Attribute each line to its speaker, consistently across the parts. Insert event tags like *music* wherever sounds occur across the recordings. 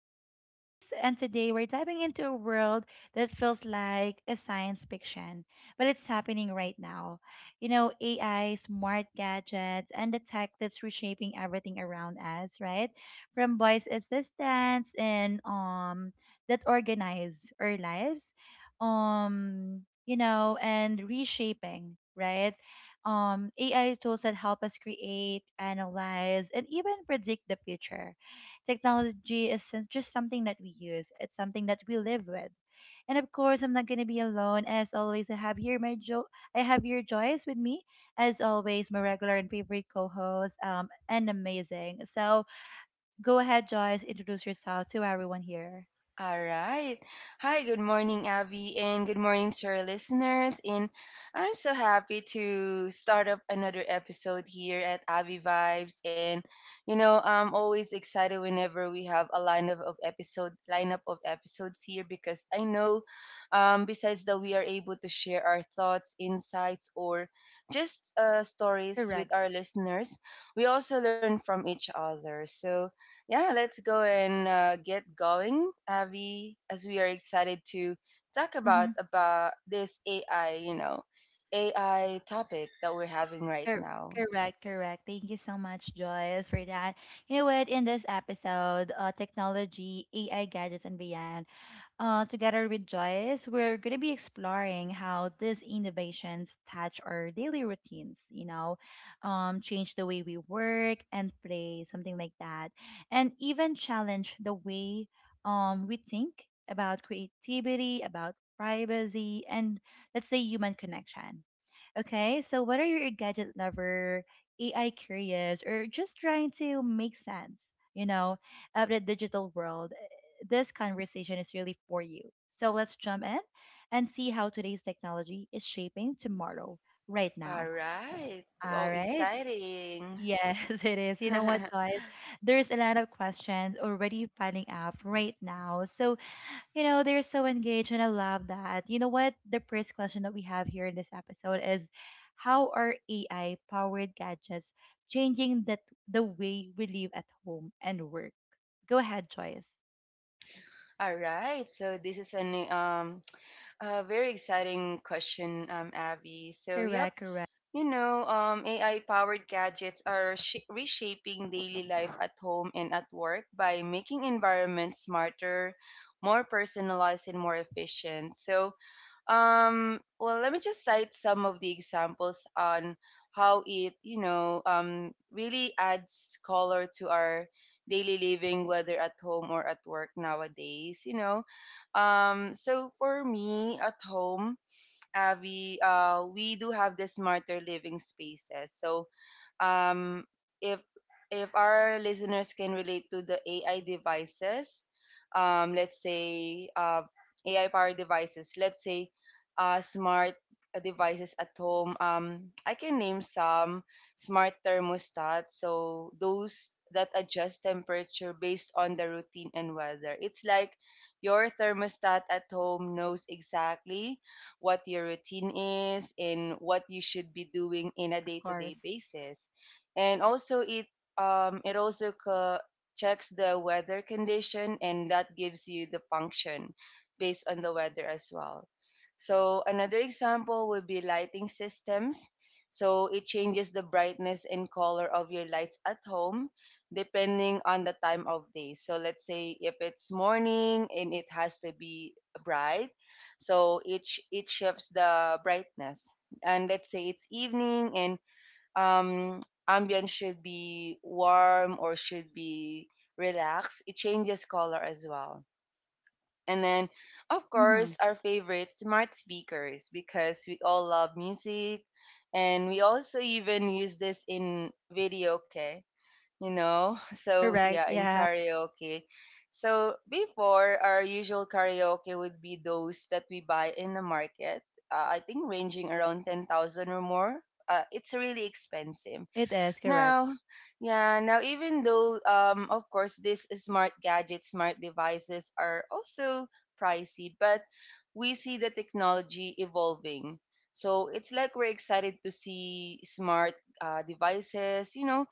Speaker 1: as always. And today we're diving into a world that feels like a science fiction, but it's happening right now. You know, AI, smart gadgets, and the tech that's reshaping everything around us, right? From voice assistants and that organize our lives, um, and reshaping, right? AI tools that help us create, analyze, and even predict the future. Technology isn't just something that we use, it's something that we live with. And of course, I'm not going to be alone. As always, I have here I have your Joyce with me. As always, my regular and favorite co-host, and amazing. So go ahead, Joyce, introduce yourself to everyone here.
Speaker 2: All right. Hi, good morning, Abby, and good morning to our listeners. And I'm so happy to start up another episode here at Abby Vibes. And you know, I'm always excited whenever we have a lineup of episodes here because I know, besides that we are able to share our thoughts, insights, or just stories
Speaker 1: Correct.
Speaker 2: with our listeners, we also learn from each other. So yeah, let's go and get going, Avi, as we are excited to talk about this AI, you know, AI topic that we're having right
Speaker 1: Cor-
Speaker 2: now.
Speaker 1: Correct, correct. Thank you so much, Joyce, for that. You know what? In this episode, technology, AI gadgets, and beyond, together with Joyce, we're going to be exploring how these innovations touch our daily routines, change the way we work and play, something like that, and even challenge the way we think about creativity, about privacy, and let's say human connection. Okay, so whether you're a gadget lover, AI curious, or just trying to make sense, you know, of the digital world, this conversation is really for you. So let's jump in and see how today's technology is shaping tomorrow, right now.
Speaker 2: All right.
Speaker 1: All
Speaker 2: Wow,
Speaker 1: right.
Speaker 2: exciting.
Speaker 1: Yes, *laughs* it is. You know what,
Speaker 2: *laughs*
Speaker 1: Joyce? There's a lot of questions already piling up right now. So you know, they're so engaged, and I love that. You know what? The first question that we have here in this episode is how are AI powered gadgets changing that the way we live at home and work? Go ahead, Joyce.
Speaker 2: All right. So this is an a very exciting question, Avi. So yep.
Speaker 1: Correct, correct.
Speaker 2: You know, AI powered gadgets are reshaping daily life at home and at work by making environments smarter, more personalized, and more efficient. So, well, let me just cite some of the examples on how it, you know, really adds color to our daily living, whether at home or at work nowadays, you know. So, for me, at home, we do have the smarter living spaces. So um, if if our listeners can relate to the AI devices, let's say AI powered devices, let's say smart devices at home. I can name some. Smart thermostats, so those that adjust temperature based on the routine and weather. It's like your thermostat at home knows exactly what your routine is and what you should be doing in a
Speaker 1: Of
Speaker 2: day-to-day
Speaker 1: course.
Speaker 2: basis, and also it um, it also co- checks the weather condition, and that gives you the function based on the weather as well. So another example would be lighting systems. So it changes the brightness and color of your lights at home depending on the time of day. So let's say if it's morning and it has to be bright, so it shifts the brightness. And let's say it's evening and um, ambient should be warm or should be relaxed. It changes color as well. And then, of
Speaker 1: Mm-hmm.
Speaker 2: course, our favorite smart speakers because we all love music, and we also even use this in video, okay? You know? *laughs* So,
Speaker 1: Correct.
Speaker 2: yeah, in
Speaker 1: Yeah,
Speaker 2: karaoke. So, before, our usual karaoke would be those that we buy in the market. I think ranging around 10,000 or more. It's really expensive
Speaker 1: it is correct.
Speaker 2: now. Yeah, now, even though of course these smart gadgets, smart devices are also pricey, but we see the technology evolving. So it's like we're excited to see smart devices, you know.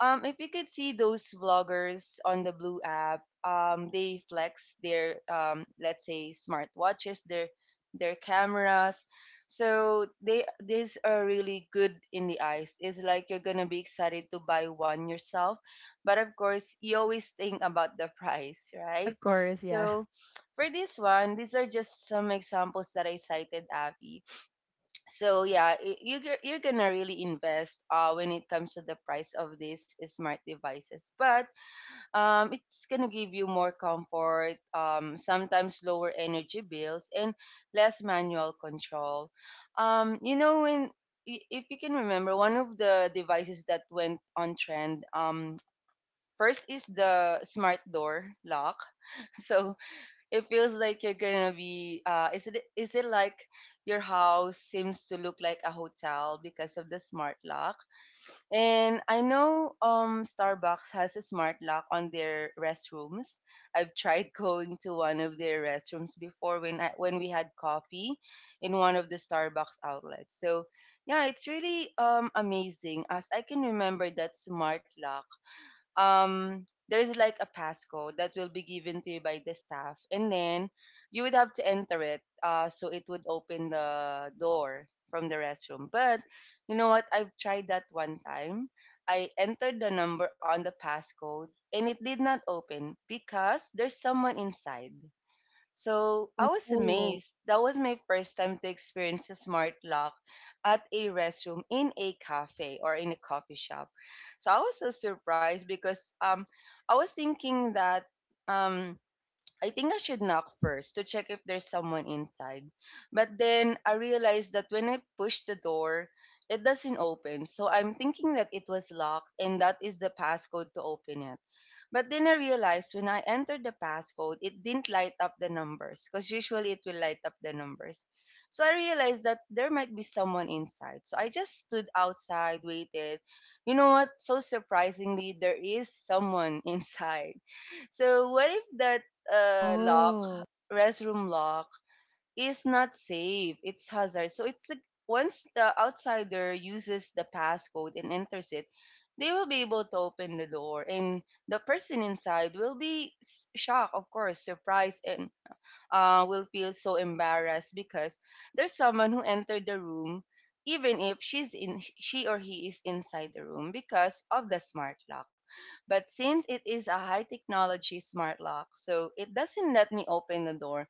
Speaker 2: If you could see those vloggers on the Blue app, they flex their let's say smartwatches, their cameras. So they these are really good in the eyes. It's like you're gonna be excited to buy one yourself, but of course you always think about the *laughs* price, right?
Speaker 1: Of course, yeah.
Speaker 2: So for this one, these are just some examples that I cited, Abby. So yeah, you're gonna really invest when it comes to the price of these smart devices, but it's gonna give you more comfort, sometimes lower energy bills and less manual control. You know, if you can remember one of the devices that went on trend, first is the smart door lock. *laughs* So it feels like you're gonna be is it like your house seems to look like a hotel because of the smart lock. And I know Starbucks has a smart lock on their restrooms. I've tried *laughs* going to one of their restrooms before when we had coffee in one of the Starbucks outlets. So yeah, it's really amazing. As I can remember that smart lock, there is like a passcode that will be given to you by the staff, and then you would have to enter it, so it would open the door from the restroom. But you know what? I've tried that one time. I entered the number on the passcode, and it did not open because there's someone inside. So I was
Speaker 1: Oh,
Speaker 2: amazed. That was my first time to experience a smart lock at a restroom in a cafe or in a coffee shop. So I was so surprised because I was thinking that um I think I should knock first to check if there's someone inside. But then I realized that when I push the door, it doesn't open. So I'm thinking that it was locked and that is the passcode to open it. But then I realized when I entered the passcode, it didn't light up the numbers because usually it will light up the numbers. So I realized that there might be someone inside. So I just stood outside, waited. You know what? So surprisingly, there is someone *laughs* inside. So what if that lock,
Speaker 1: oh.
Speaker 2: restroom lock, is not safe? It's hazard. So it's like once the outsider uses the passcode and enters it, they will be able to open the door, and the person inside will be shocked, of course, surprised, and will feel so embarrassed because there's someone who entered the room even if she or he is inside the room because of the smart lock. But since it is a high technology smart lock, so it doesn't let me open the door.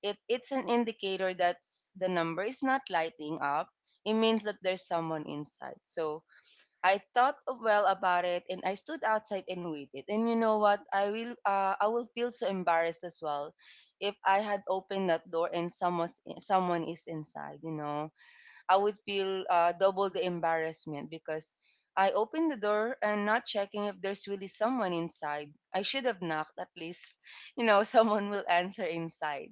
Speaker 2: It's an indicator that the number is not lighting up. It means that there's someone inside. So I thought well about it and I stood outside and waited. And you know what? I will feel so embarrassed as well if I had opened that door and someone is inside, you know. I would feel double the embarrassment because I opened the door and not checking if there's really someone inside. I should have knocked at least, you know. *laughs* Someone will answer inside.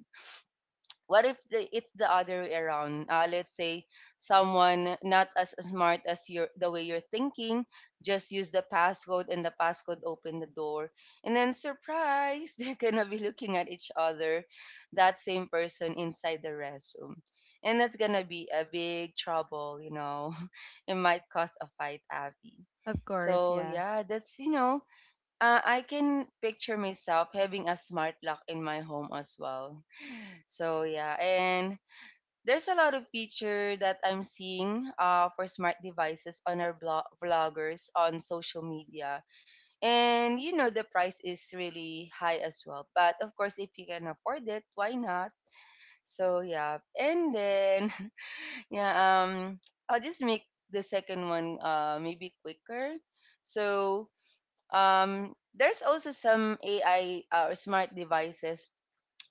Speaker 2: What if it's the other way around? Let's say someone not as smart as your the way you're thinking just use the passcode and the passcode open the door, and then surprise, *laughs* they're gonna be looking at each other, that same person inside the restroom. And that's gonna be a big trouble, you know. *laughs* It might cause a fight, Abby.
Speaker 1: Of course,
Speaker 2: So
Speaker 1: yeah.
Speaker 2: yeah, that's, you know, I can picture myself having a smart lock in my home as well. So yeah, and there's a lot of feature that I'm seeing for smart devices on our vloggers on social media. And you know the price is really high as well. But of course, if you can afford it, why not? So yeah, and then *laughs* yeah, um, I'll just make the second one maybe quicker. So there's also some AI or smart devices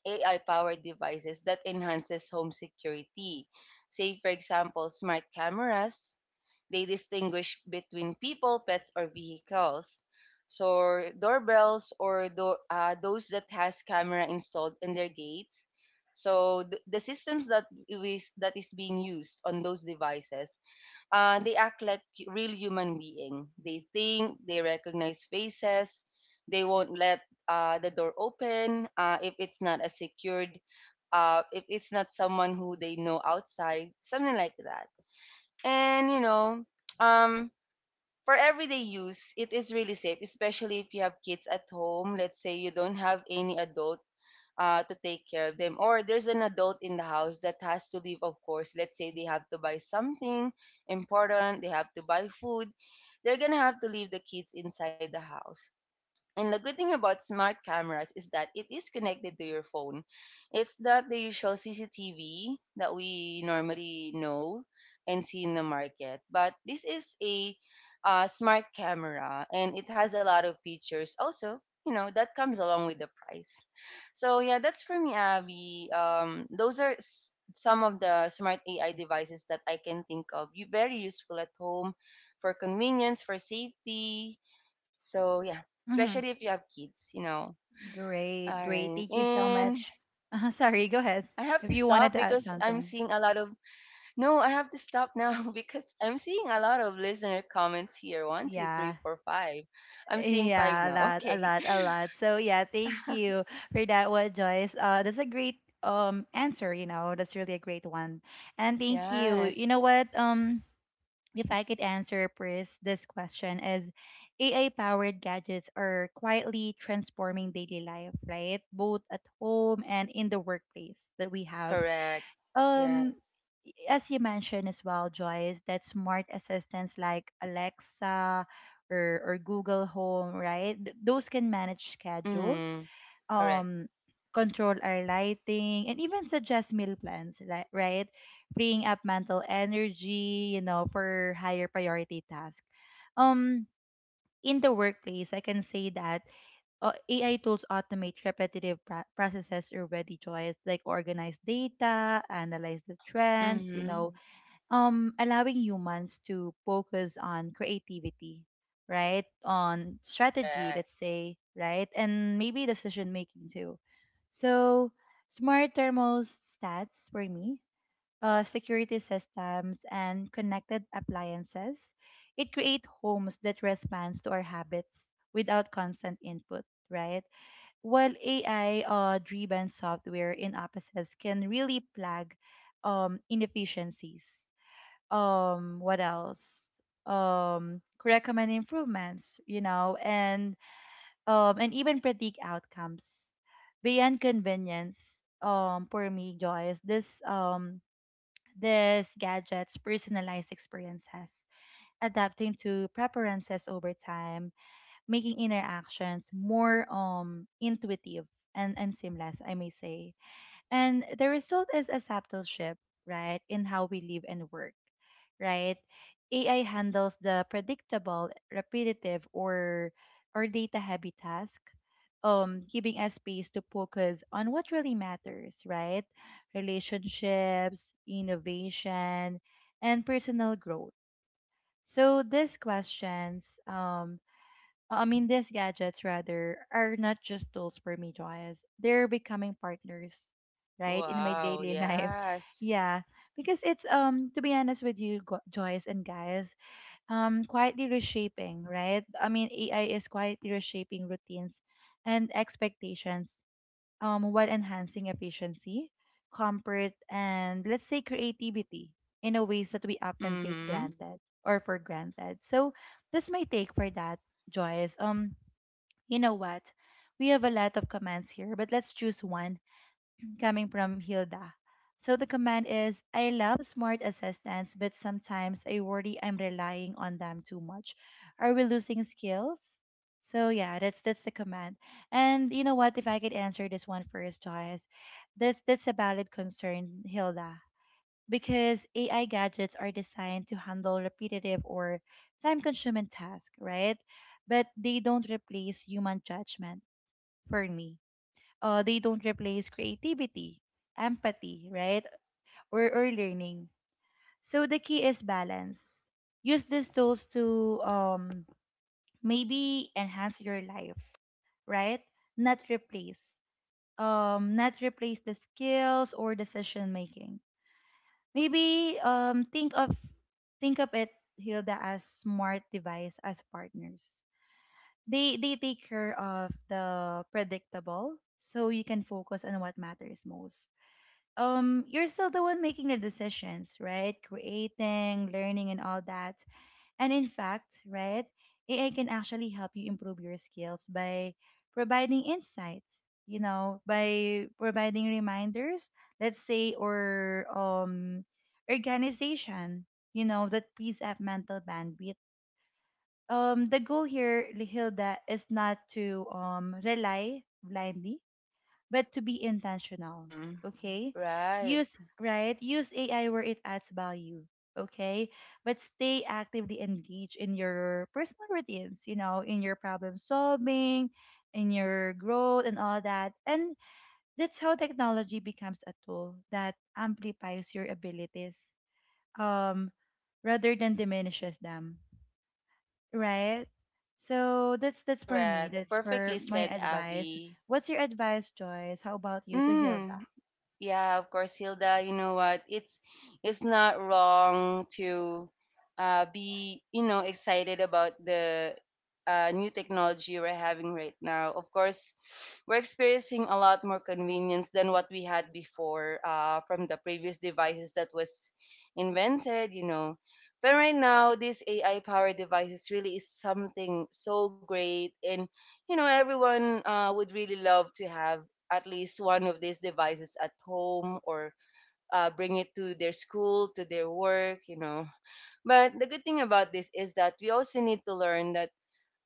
Speaker 2: AI-powered devices that enhances home security. Say, for example, smart cameras. They distinguish between people, pets, or vehicles. So doorbells or those that has camera installed in their gates. So the systems that is being used on those devices, they act like real human being. They think, they recognize faces, they won't let the door open if it's not a secured, if it's not someone who they know outside, something like that. And you know, um, for everyday use, it is really safe, especially if you have kids at home. Let's say you don't have any adult to take care of them. Or there's an adult in the house that has to leave, of course. Let's say they have to buy something important, they have to buy food. They're going to have to leave the kids inside the house. And the good thing about smart cameras is that it is connected to your phone. It's not the usual CCTV that we normally know and see in the market, but this is a smart camera and it has a lot of features. Also, you know, that comes along with the price. So, yeah, that's for me, Abby. Those are some of the smart AI devices that I can think of. You very useful at home for convenience, for safety, so yeah,
Speaker 1: Mm-hmm.
Speaker 2: especially if you have kids, you know.
Speaker 1: Great,
Speaker 2: All
Speaker 1: great.
Speaker 2: right.
Speaker 1: Thank you so
Speaker 2: And
Speaker 1: much. *laughs*
Speaker 2: I have to
Speaker 1: Sorry, go
Speaker 2: stop
Speaker 1: ahead.
Speaker 2: because
Speaker 1: If you
Speaker 2: I'm
Speaker 1: wanted to
Speaker 2: seeing a
Speaker 1: add
Speaker 2: lot of
Speaker 1: something.
Speaker 2: no, I have to stop now *laughs* because I'm seeing a lot of listener comments here. One, two, three, four,
Speaker 1: Yeah.
Speaker 2: five. I'm seeing five now.
Speaker 1: Yeah, a
Speaker 2: Okay.
Speaker 1: lot, a
Speaker 2: *laughs*
Speaker 1: lot, a lot. So yeah, thank you for that one, Joyce. That's a great answer. You know, that's really a great one. And thank you. You
Speaker 2: Yes.
Speaker 1: know what? Um, If I could answer first this question is, AI powered gadgets are quietly transforming daily life, right? Both at home and in the workplace that we have.
Speaker 2: Correct.
Speaker 1: Um,
Speaker 2: Yes.
Speaker 1: as you mentioned as well, Joyce, that smart assistants like Alexa or Google Home, right? Those can manage schedules,
Speaker 2: Mm. Correct.
Speaker 1: um, control our lighting, and even suggest meal plans, right? Freeing up mental energy, you know, for higher priority tasks. Um, in the workplace, I can say that AI tools automate repetitive processes already, Joyce, like organize data, analyze the trends, you
Speaker 2: Mm-hmm.
Speaker 1: know, allowing humans to focus on creativity, right, on strategy,
Speaker 2: Correct.
Speaker 1: let's say, right, and maybe decision making too. So smart thermostats for me, security systems and connected appliances, it create homes that responds to our habits without constant input, right, while ai driven software in offices can really plug inefficiencies, what else recommend improvements, you know, and even predict outcomes beyond convenience. For me, Joyce, this gadgets personalized experiences, adapting to preferences over time, making interactions more intuitive and seamless, I may say. And the result is a subtle shift, right, in how we live and work, right? AI handles the predictable, repetitive, or data-heavy task, giving us space to focus on what really matters, right? Relationships, innovation, and personal growth. So these questions I mean, these gadgets rather are not just tools for me, Joyce. They're becoming partners, right, in my
Speaker 2: Wow.
Speaker 1: daily life. *laughs*
Speaker 2: Yes.
Speaker 1: Yeah, because it's to be honest with you, Joyce and guys, quietly reshaping, right? I mean, AI is quietly reshaping routines and expectations, while enhancing efficiency, comfort, and let's say creativity in a ways that we often take Mm.
Speaker 2: Mm-hmm.
Speaker 1: granted or for granted. So that's my take for that. Joyce. You know what? We have a lot of commands here, but let's choose one coming from Hilda. So the command is I love smart assistants, but sometimes I worry I'm relying on them too much. Are we losing skills? So yeah, that's the command. And you know what? If I could answer this one first, Joyce, that's a valid concern, Hilda, because AI gadgets are designed to handle repetitive or time-consuming tasks, right? But they don't replace human judgment for me. They don't replace creativity, empathy, right, or learning. So the key is balance. Use these tools to maybe enhance your life, right? Not replace. Not replace the skills or decision making. Maybe think of it, Hilda, as smart device as partners. They take care of the predictable, so you can focus on what matters most. You're still the one making the decisions, right, creating, learning and all that. And in fact, right, AI can actually help you improve your skills by providing insights, you know, by providing reminders, let's say, or organization, you know, that frees up mental bandwidth. The goal here, Hilda, is not to rely blindly, but to be intentional,
Speaker 2: Mm.
Speaker 1: okay?
Speaker 2: Right.
Speaker 1: use right, use AI where it adds value, okay, but stay actively engaged in your personal routines, you know, in your problem solving, in your growth and all that. And that's how technology becomes a tool that amplifies your abilities, um rather than diminishes them. Right. So that's for me.
Speaker 2: Correct.
Speaker 1: That's
Speaker 2: Perfectly
Speaker 1: for my
Speaker 2: said,
Speaker 1: advice.
Speaker 2: Avi.
Speaker 1: What's your advice, Joyce? How about you to
Speaker 2: Mm,
Speaker 1: Hilda?
Speaker 2: yeah, of course, Hilda. You know what? It's not wrong to be you know excited about the new technology we're having right now. Of course, we're experiencing a lot more convenience than what we had before from the previous devices that was invented. You know, but right now, these AI powered devices really is something so great, and everyone would really love to have at least one of these devices at home or bring it to their school, to their work. But the good thing about this is that we also need to learn that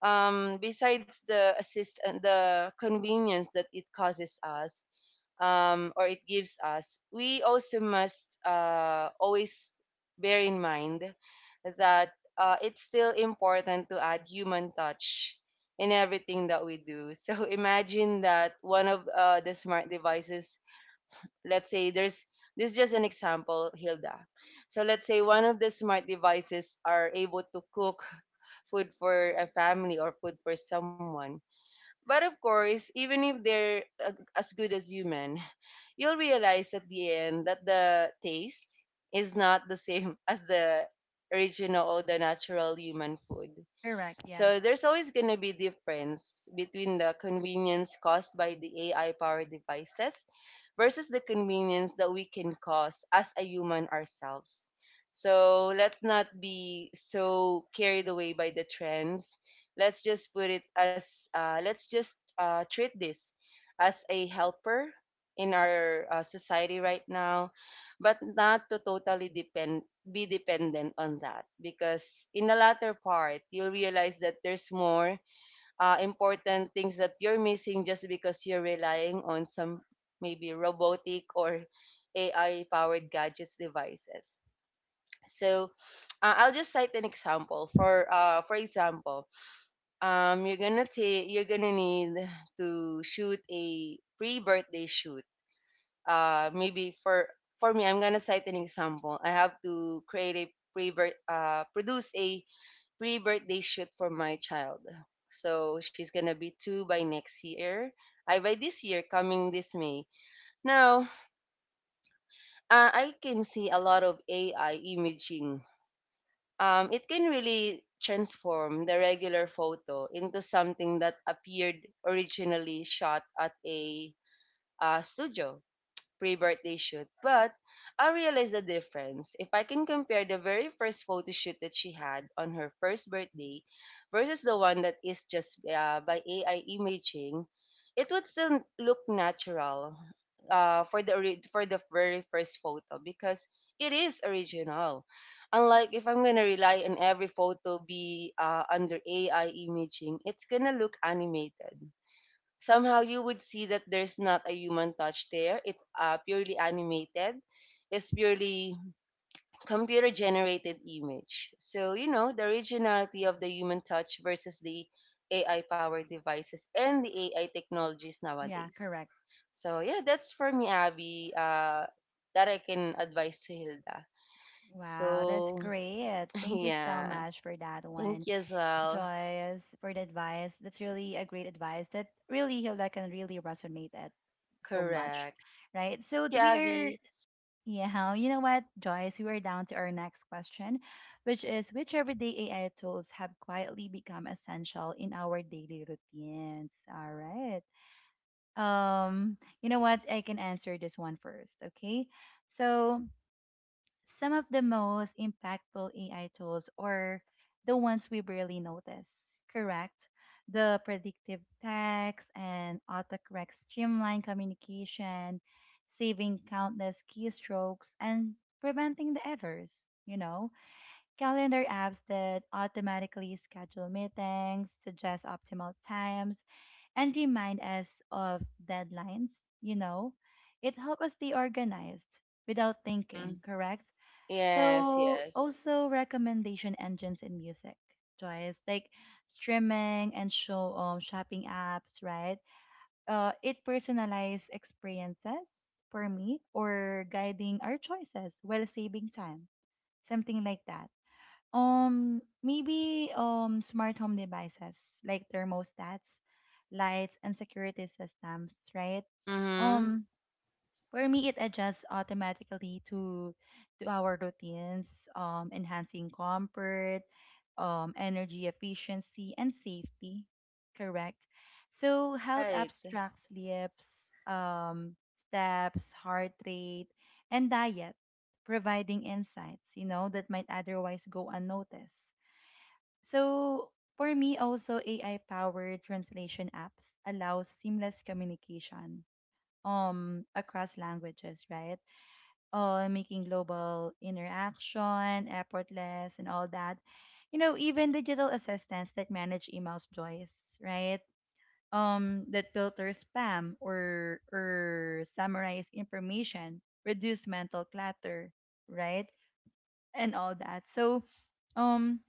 Speaker 2: besides the assist and the convenience that it causes us, or it gives us, we also must always bear in mind that it's still important to add human touch in everything that we do. *laughs* So imagine that one of the smart devices, let's say there's this is just an example, Hilda. So let's say one of the smart devices are able to cook food for a family or food for someone. But of course, even if they're as good as human, you'll realize at the end that the taste is not the same *laughs* as the original or the natural human food.
Speaker 1: Correct. Yeah.
Speaker 2: So there's always going to be difference between the convenience caused by the AI powered devices versus the convenience that we can cause as a human ourselves. So let's not be so carried away by the trends. Let's just put it as let's just treat this as a helper in our society right now, but not to totally depend be dependent on that because in the latter part you'll realize that there's more important things that you're missing just because you're relying on some maybe robotic or AI powered gadgets devices. So I'll just cite an example. For example, you're gonna need to shoot a pre birthday shoot maybe for I'm gonna cite an example. I have to create a pre produce a pre birthday shoot for my child. So she's gonna be two by next year. I by this year coming this May. Now I can see a lot of AI imaging. It can really transform the regular photo into something that appeared originally shot at a studio pre-birthday shoot. But I realized the difference. If I can compare the very first photo shoot that she had on her first birthday versus the one that is just by AI imaging, it would still look natural for the for the very first photo because it is original. Unlike if I'm gonna rely on every photo be under AI imaging, it's gonna look animated. Somehow you would see that there's not a human touch there. It's purely animated. It's purely computer generated image. So, you know, the originality of the human touch versus the AI powered devices and the AI technologies
Speaker 1: Yeah,
Speaker 2: nowadays.
Speaker 1: correct.
Speaker 2: So, yeah, that's for me, Abby, that I can advise to Hilda.
Speaker 1: Wow, that's
Speaker 2: So,
Speaker 1: great.
Speaker 2: *laughs*
Speaker 1: Thank you so
Speaker 2: yeah,
Speaker 1: much for that
Speaker 2: thank
Speaker 1: one,
Speaker 2: you as well.
Speaker 1: Joyce, for the advice. That's really a great advice that really Hilda can really resonate at so much,
Speaker 2: Correct.
Speaker 1: right? So
Speaker 2: Thank you,
Speaker 1: we are.
Speaker 2: Abby.
Speaker 1: Yeah, you know what, Joyce? We are down to our next question, which is which everyday AI tools have quietly become essential in our daily routines? All right. You know what? I can answer this one first, okay? So, some of the most impactful AI tools are the ones we barely notice, correct? The predictive text and autocorrect streamline communication, saving countless keystrokes and preventing the errors, you know? Calendar apps that automatically schedule meetings, suggest optimal times, and remind us of deadlines, you know. It helps us stay organized without thinking, correct?
Speaker 2: Mm,
Speaker 1: So
Speaker 2: yes,
Speaker 1: also
Speaker 2: yes.
Speaker 1: recommendation engines in music, Joyce, like streaming and show shopping apps, right? It personalized experiences for me or guiding our choices while saving time, something like that. Maybe smart home devices
Speaker 2: Mm-hmm.
Speaker 1: for me, it adjusts automatically to our routines, enhancing comfort, energy efficiency, and safety. Correct. So health apps track
Speaker 2: Right.
Speaker 1: sleeps, steps, heart rate, and diet, providing insights, you know, that might otherwise go unnoticed. So for me, also AI-powered translation apps allow seamless communication across languages, right? Making global interaction effortless and all that. You know, even digital assistants that manage emails, Joyce, right? That filter spam or summarize information, reduce mental clutter, right? And all that. So, um,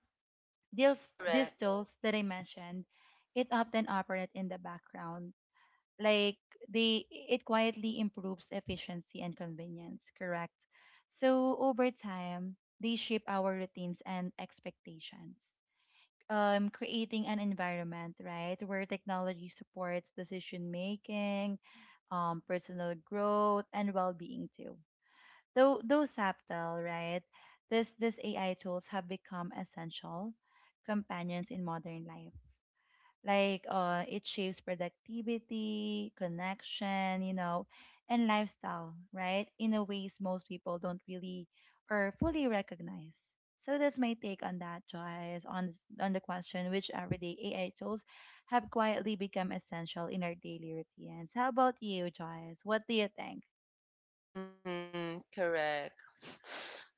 Speaker 2: Correct.
Speaker 1: these tools that I mentioned, it often operate in the background, like they, it quietly improves efficiency and convenience, correct? So over time they shape our routines and expectations, creating an environment, right, where technology supports decision making, personal growth and well-being too, though subtle, right, this AI tools have become essential companions in modern life, it shapes productivity, connection, you know, and lifestyle, right? In a ways most people don't really or fully recognize. So that's my take on that, Joyce, on on the question which everyday AI tools have quietly become essential in our daily routines. How about you, Joyce? What do you think?
Speaker 2: Mm-hmm. Correct.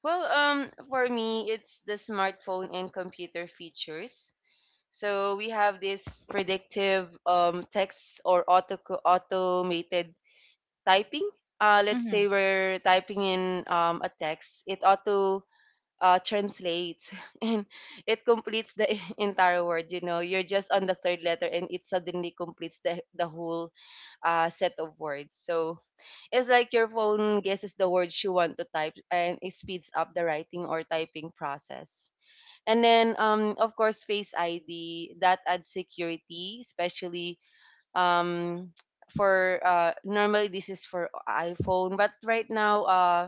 Speaker 2: Well, for me, it's the smartphone and computer features. So we have this predictive text or automated typing. Let's
Speaker 1: Mm-hmm.
Speaker 2: say we're typing in a text, it auto translates *laughs* and it completes the *laughs* entire word. You know, you're just on the third letter and it suddenly completes the whole set of words. So it's like your phone guesses the words you want to type and it speeds up the writing or typing process. And then, of course, Face ID that adds security, especially um for normally this is for iPhone, but right now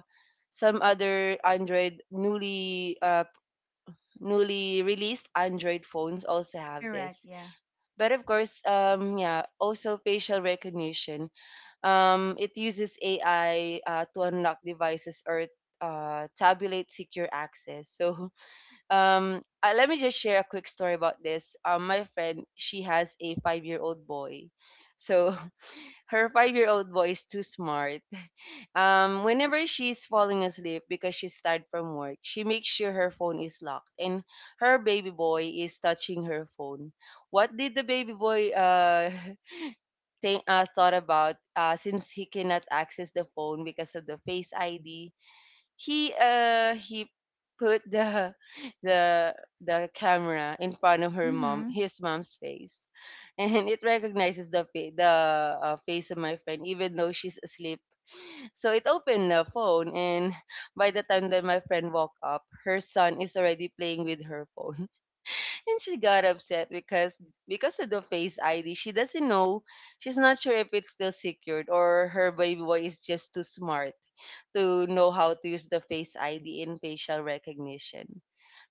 Speaker 2: some other Android, newly released Android phones also have
Speaker 1: Correct.
Speaker 2: this.
Speaker 1: Yeah.
Speaker 2: But of course, yeah, also facial recognition. It uses AI to unlock devices or tabulate secure access. So *laughs* let me just share a quick story about this. My friend, she has a 5 year old boy, so *laughs* her five-year-old boy is too smart. Whenever she's falling asleep because she's tired from work, she makes sure her phone is locked and her baby boy is touching her phone. What did the baby boy *laughs* thought about since he cannot access the phone because of the Face ID? He he put the *laughs* the the camera in front of her mom
Speaker 1: Mm-hmm.
Speaker 2: his mom's face, and it recognizes the face of my friend even though she's asleep. So it opened the phone, and by the time that my friend woke up, her son is already playing with her phone, and she got upset because of the Face ID, she doesn't know. She's not sure if it's still secured or her baby boy is just too smart to know how to use the Face ID in facial recognition.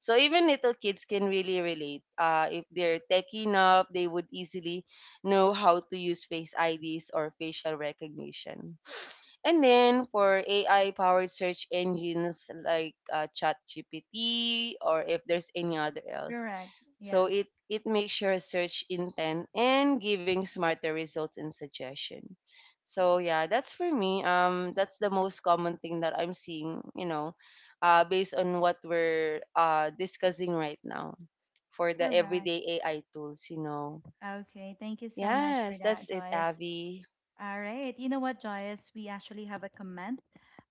Speaker 2: So even little kids can really relate. If they're tech enough, they would easily know how to use Face IDs or facial recognition. And then for AI powered search engines like ChatGPT or if there's any other else.
Speaker 1: Correct.
Speaker 2: So
Speaker 1: Yeah.
Speaker 2: it makes your search intent and giving smarter results and suggestion. So yeah, that's for me. That's the most common thing that I'm seeing, you know, based on what we're discussing right now for the
Speaker 1: Correct.
Speaker 2: everyday AI tools, you know.
Speaker 1: Okay. Thank you so much for
Speaker 2: Yes, that's
Speaker 1: that,
Speaker 2: it,
Speaker 1: Joyce.
Speaker 2: Abby.
Speaker 1: All right. You know what, Joyce? We actually have a comment.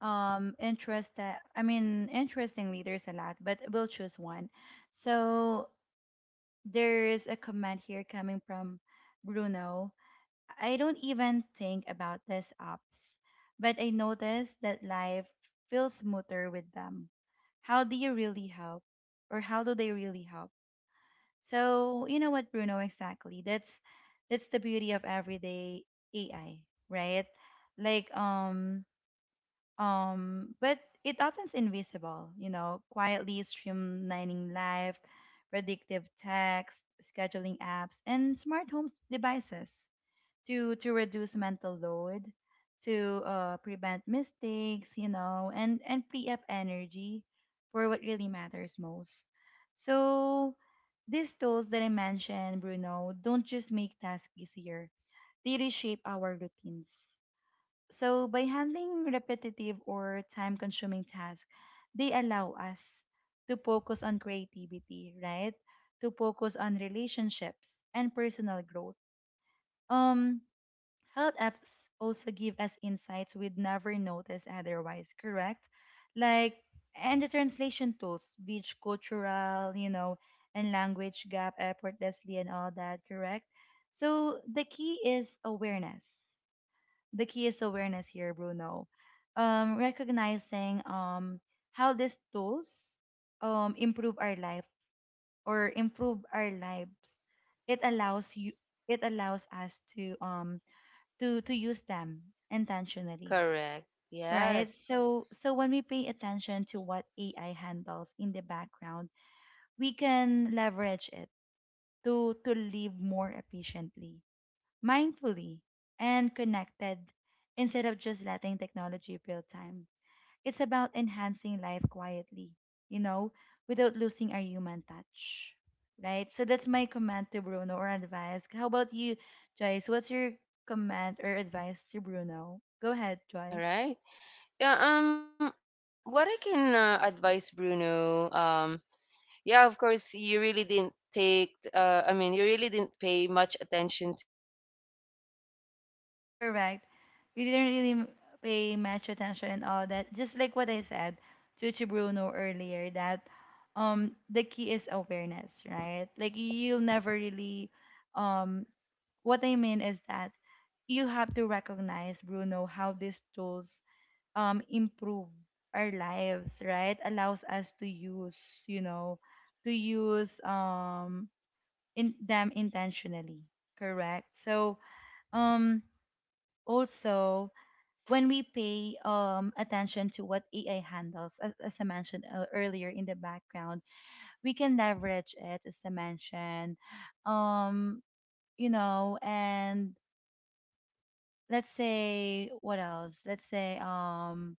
Speaker 1: Interest that I mean, interestingly, there's a lot, but we'll choose one. So there's a comment here coming from Bruno. I don't even think about these apps, but I notice that life feels smoother with them. How do you really help, or how do they really help? So you know what, Bruno? Exactly. That's the beauty of everyday AI, right? Like um but it often's invisible. You know, quietly streamlining life, predictive text, scheduling apps, and smart home devices to reduce mental load, to prevent mistakes, you know, and free up energy for what really matters most. So these tools that I mentioned, Bruno, don't just make tasks easier; they reshape our routines. So by handling repetitive or time-consuming tasks, they allow us to focus on creativity, right? To focus on relationships and personal growth. Um, Health apps also give us insights we'd never notice otherwise, correct? Like, and the translation tools, which cultural, you know, and language gap effortlessly and all that, correct? So the key is awareness. The key is awareness here, Bruno. Recognizing how these tools improve our lives. It allows you. It allows us to use them intentionally,
Speaker 2: Correct.
Speaker 1: right?
Speaker 2: Yes.
Speaker 1: So when we pay attention to what AI handles in the background, we can leverage it to live more efficiently, mindfully, and connected, instead of just letting technology build time. It's about enhancing life quietly, you know, without losing our human touch, right? So that's my comment to Bruno or advice. How about you, Joyce? What's your comment or advice to Bruno? Go ahead,
Speaker 2: All
Speaker 1: Joyce.
Speaker 2: right. Yeah, what I can advise Bruno, yeah, of course, you really didn't take, I mean, you really didn't pay much attention to these apps, but eventually
Speaker 1: Correct.
Speaker 2: you realize
Speaker 1: You
Speaker 2: how
Speaker 1: didn't really m-
Speaker 2: convenient.
Speaker 1: pay much attention and all that. Just like what I said to Bruno earlier,
Speaker 2: Mm,
Speaker 1: that the key is awareness, right? Like you'll never really um what I mean is that you have to recognize, Bruno, how these tools improve our lives, right? Allows us to use, you know, to use in them intentionally, correct? So um
Speaker 2: right.
Speaker 1: also
Speaker 2: Mm,
Speaker 1: when we pay attention to what AI handles, as I mentioned earlier in the background, we can leverage it, as I mentioned, um, you know, and let's say.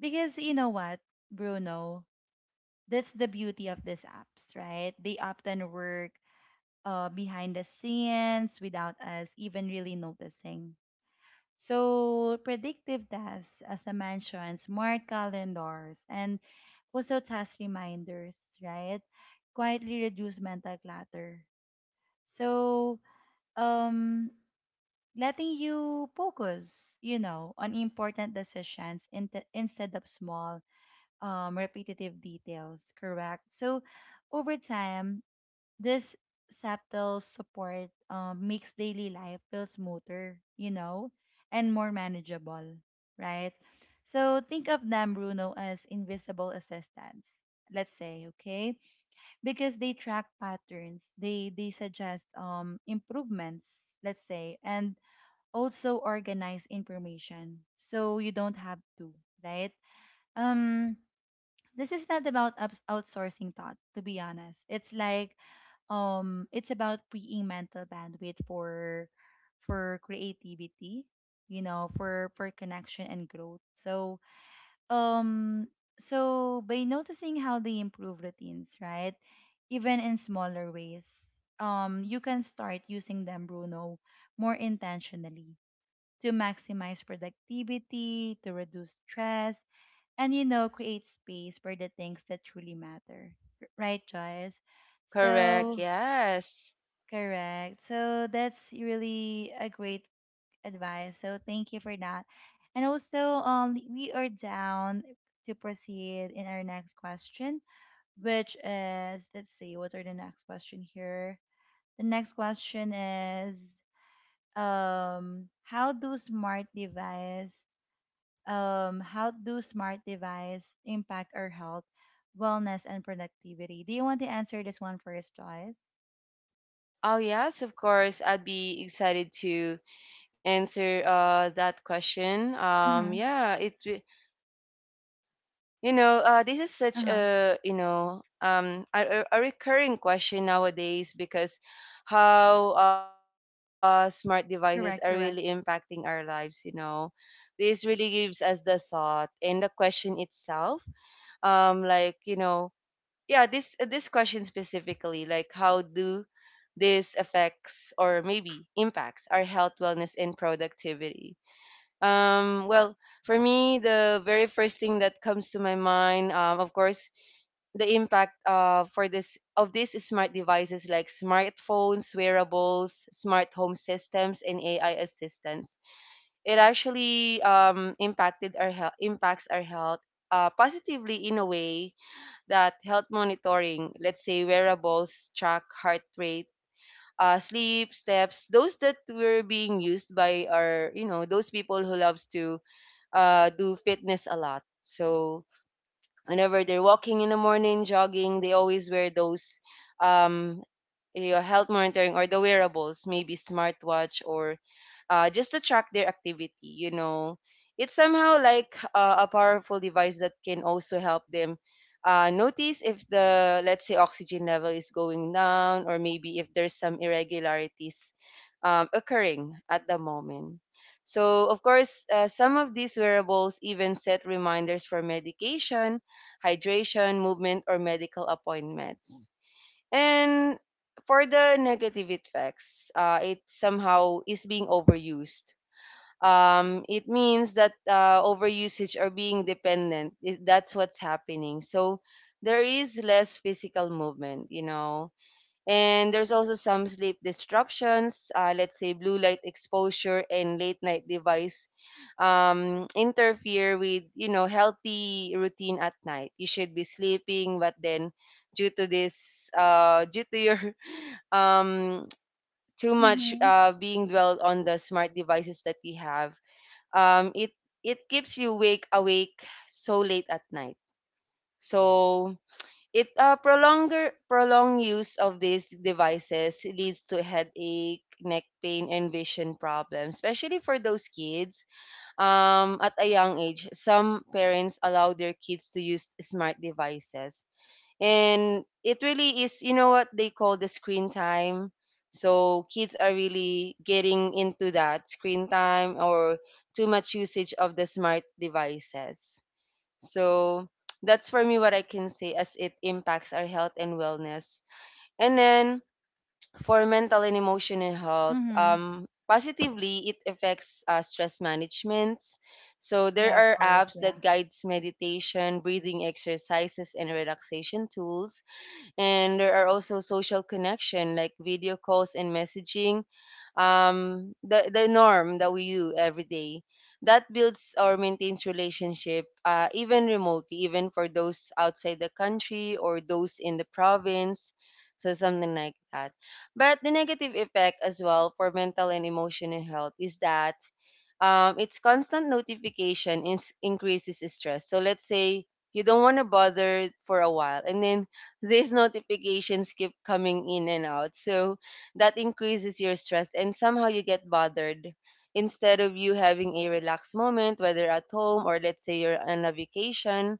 Speaker 1: Because you know what, Bruno, that's the beauty of these apps, right? They often work behind the scenes without us even really noticing. So predictive tasks, as I mentioned, smart calendars, and also task reminders, right, quietly reduce mental clutter. So um letting you focus, you know, on important decisions in instead of small, repetitive details, correct? So, over time, this subtle support, makes daily life feel smoother, you know, and more manageable, right? So, think of them, Bruno, as invisible assistants. Let's say, okay, because they track patterns, they suggest improvements, let's say, and also organize information so you don't have to, right? um this is not about outsourcing thought, to be honest. It's like, it's about freeing mental bandwidth for creativity, you know, for connection and growth. So, um so by noticing how they improve routines, right, even in smaller ways, you can start using them, Bruno, more intentionally to maximize productivity, to reduce stress, and you know, create space for the things that truly matter. Right, Joyce?
Speaker 2: correct.
Speaker 1: So,
Speaker 2: Yes.
Speaker 1: correct. So, that's really a great advice. So, thank you for that. And also, we are down to proceed in our next question, which is let's see, what are the next question here? The next question is um, how do smart device how do smart device impact our health, wellness, and productivity? Do you want to answer this one first, Joyce?
Speaker 2: Oh, yes, of course. I'd be excited to answer that question.
Speaker 1: Mm-hmm.
Speaker 2: Yeah, it. You know, this is such a
Speaker 1: Uh-huh.
Speaker 2: a recurring question nowadays because how smart devices
Speaker 1: Correct,
Speaker 2: are really
Speaker 1: correct.
Speaker 2: impacting our lives. You know, this really gives us the thought and the question itself. Um, like you know, yeah, this question specifically, like how do this affects or maybe impacts our health, wellness, and productivity. Well, for me, the very first thing that comes to my mind, of course, the impact for this of these smart devices like smartphones, wearables, smart home systems, and AI assistants. It actually impacts our health positively in a way that health monitoring, let's say wearables, track heart rate, sleep, steps, those that were being used by our, you know, those people who loves to do fitness a lot. So whenever they're walking in the morning, jogging, they always wear those um, your health monitoring or the wearables, maybe smartwatch, or just to track their activity. You know, it's somehow like a powerful device that can also help them notice if let's say, oxygen level is going down, or maybe if there's some irregularities occurring at the moment. So, of course, some of these wearables even set reminders for medication, hydration, movement, or medical appointments. And for the negative effects, it somehow is being overused. It means that overusage or being dependent, is, that's what's happening. So there is less physical movement, you know. And there's also some sleep disruptions, let's say blue light exposure and late night device interfere with healthy routine at night. You should be sleeping, but then due to this, *laughs* due to your *laughs* um, too much
Speaker 1: Mm-hmm.
Speaker 2: being dwelled on the smart devices that we have, it it keeps you wake awake so late at night. So it prolonger prolonged use of these devices leads to headache, neck pain, and vision problems, especially for those kids at a young age, some parents allow their kids to use smart devices. And it really is, you know what they call the screen time. So kids are really getting into that screen time or too much usage of the smart devices. So that's for me what I can say as it impacts our health and wellness. And then for mental and emotional health,
Speaker 1: Mm-hmm.
Speaker 2: positively it affects stress management. So there
Speaker 1: Yeah, of
Speaker 2: are
Speaker 1: course.
Speaker 2: apps
Speaker 1: Yeah.
Speaker 2: that guides meditation, breathing exercises, and relaxation tools, and there are also social connection like video calls and messaging, the norm that we do every day that builds or maintains relationship even remotely, even for those outside the country or those in the province, so something like that. But the negative effect as well for mental and emotional health is that it's constant notification increases stress. So let's say you don't want to bother for a while, and then these notifications keep coming in and out. So that increases your stress and somehow you get bothered. Instead of you having a relaxed moment, whether at home or let's say you're on a vacation.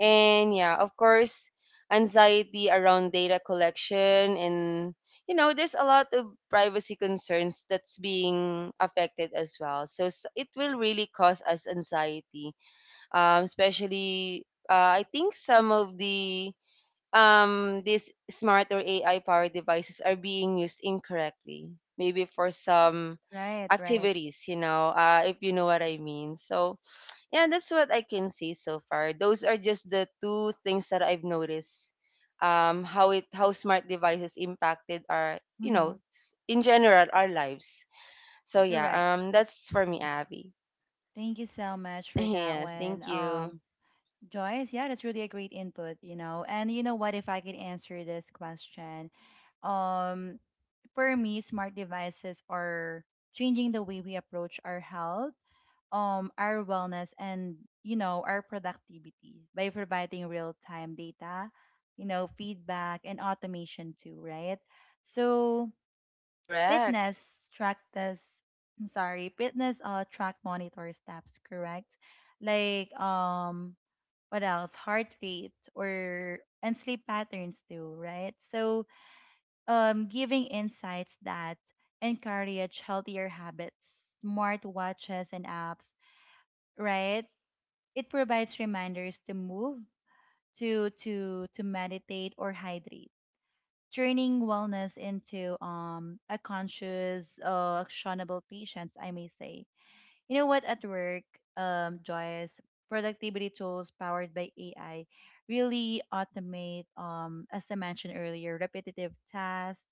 Speaker 2: And yeah, of course, anxiety around data collection, and you know, there's a lot of privacy concerns that's being affected as well. So it will really cause us anxiety, especially I think some of the these smart or AI powered devices are being used incorrectly, maybe for some
Speaker 1: Right, right.
Speaker 2: activities, you know, if you know what I mean. Yeah, that's what I can say so far. Those are just the two things that I've noticed. How smart devices impacted our, you
Speaker 1: Mm-hmm.
Speaker 2: know, s- in general our lives. So yeah,
Speaker 1: Correct.
Speaker 2: that's for me, Abby.
Speaker 1: Thank you so much
Speaker 2: *laughs*
Speaker 1: for that
Speaker 2: Yes,
Speaker 1: one.
Speaker 2: thank you.
Speaker 1: Joyce, yeah, that's really a great input, you know. And you know what, if I could answer this question, um, for me, smart devices are changing the way we approach our health, our wellness, and you know, our productivity by providing real-time data, you know, feedback and automation too, right? So
Speaker 2: Correct.
Speaker 1: fitness trackers, I'm sorry fitness track monitor steps, correct? Like, what else, heart rate or and sleep patterns too, right? So giving insights that encourage healthier habits. Smart watches and apps, right, it provides reminders to move, to meditate or hydrate, turning wellness into a conscious, actionable patience, I may say. You know what? At work, Joyce, productivity tools powered by AI really automate, as I mentioned earlier, repetitive tasks,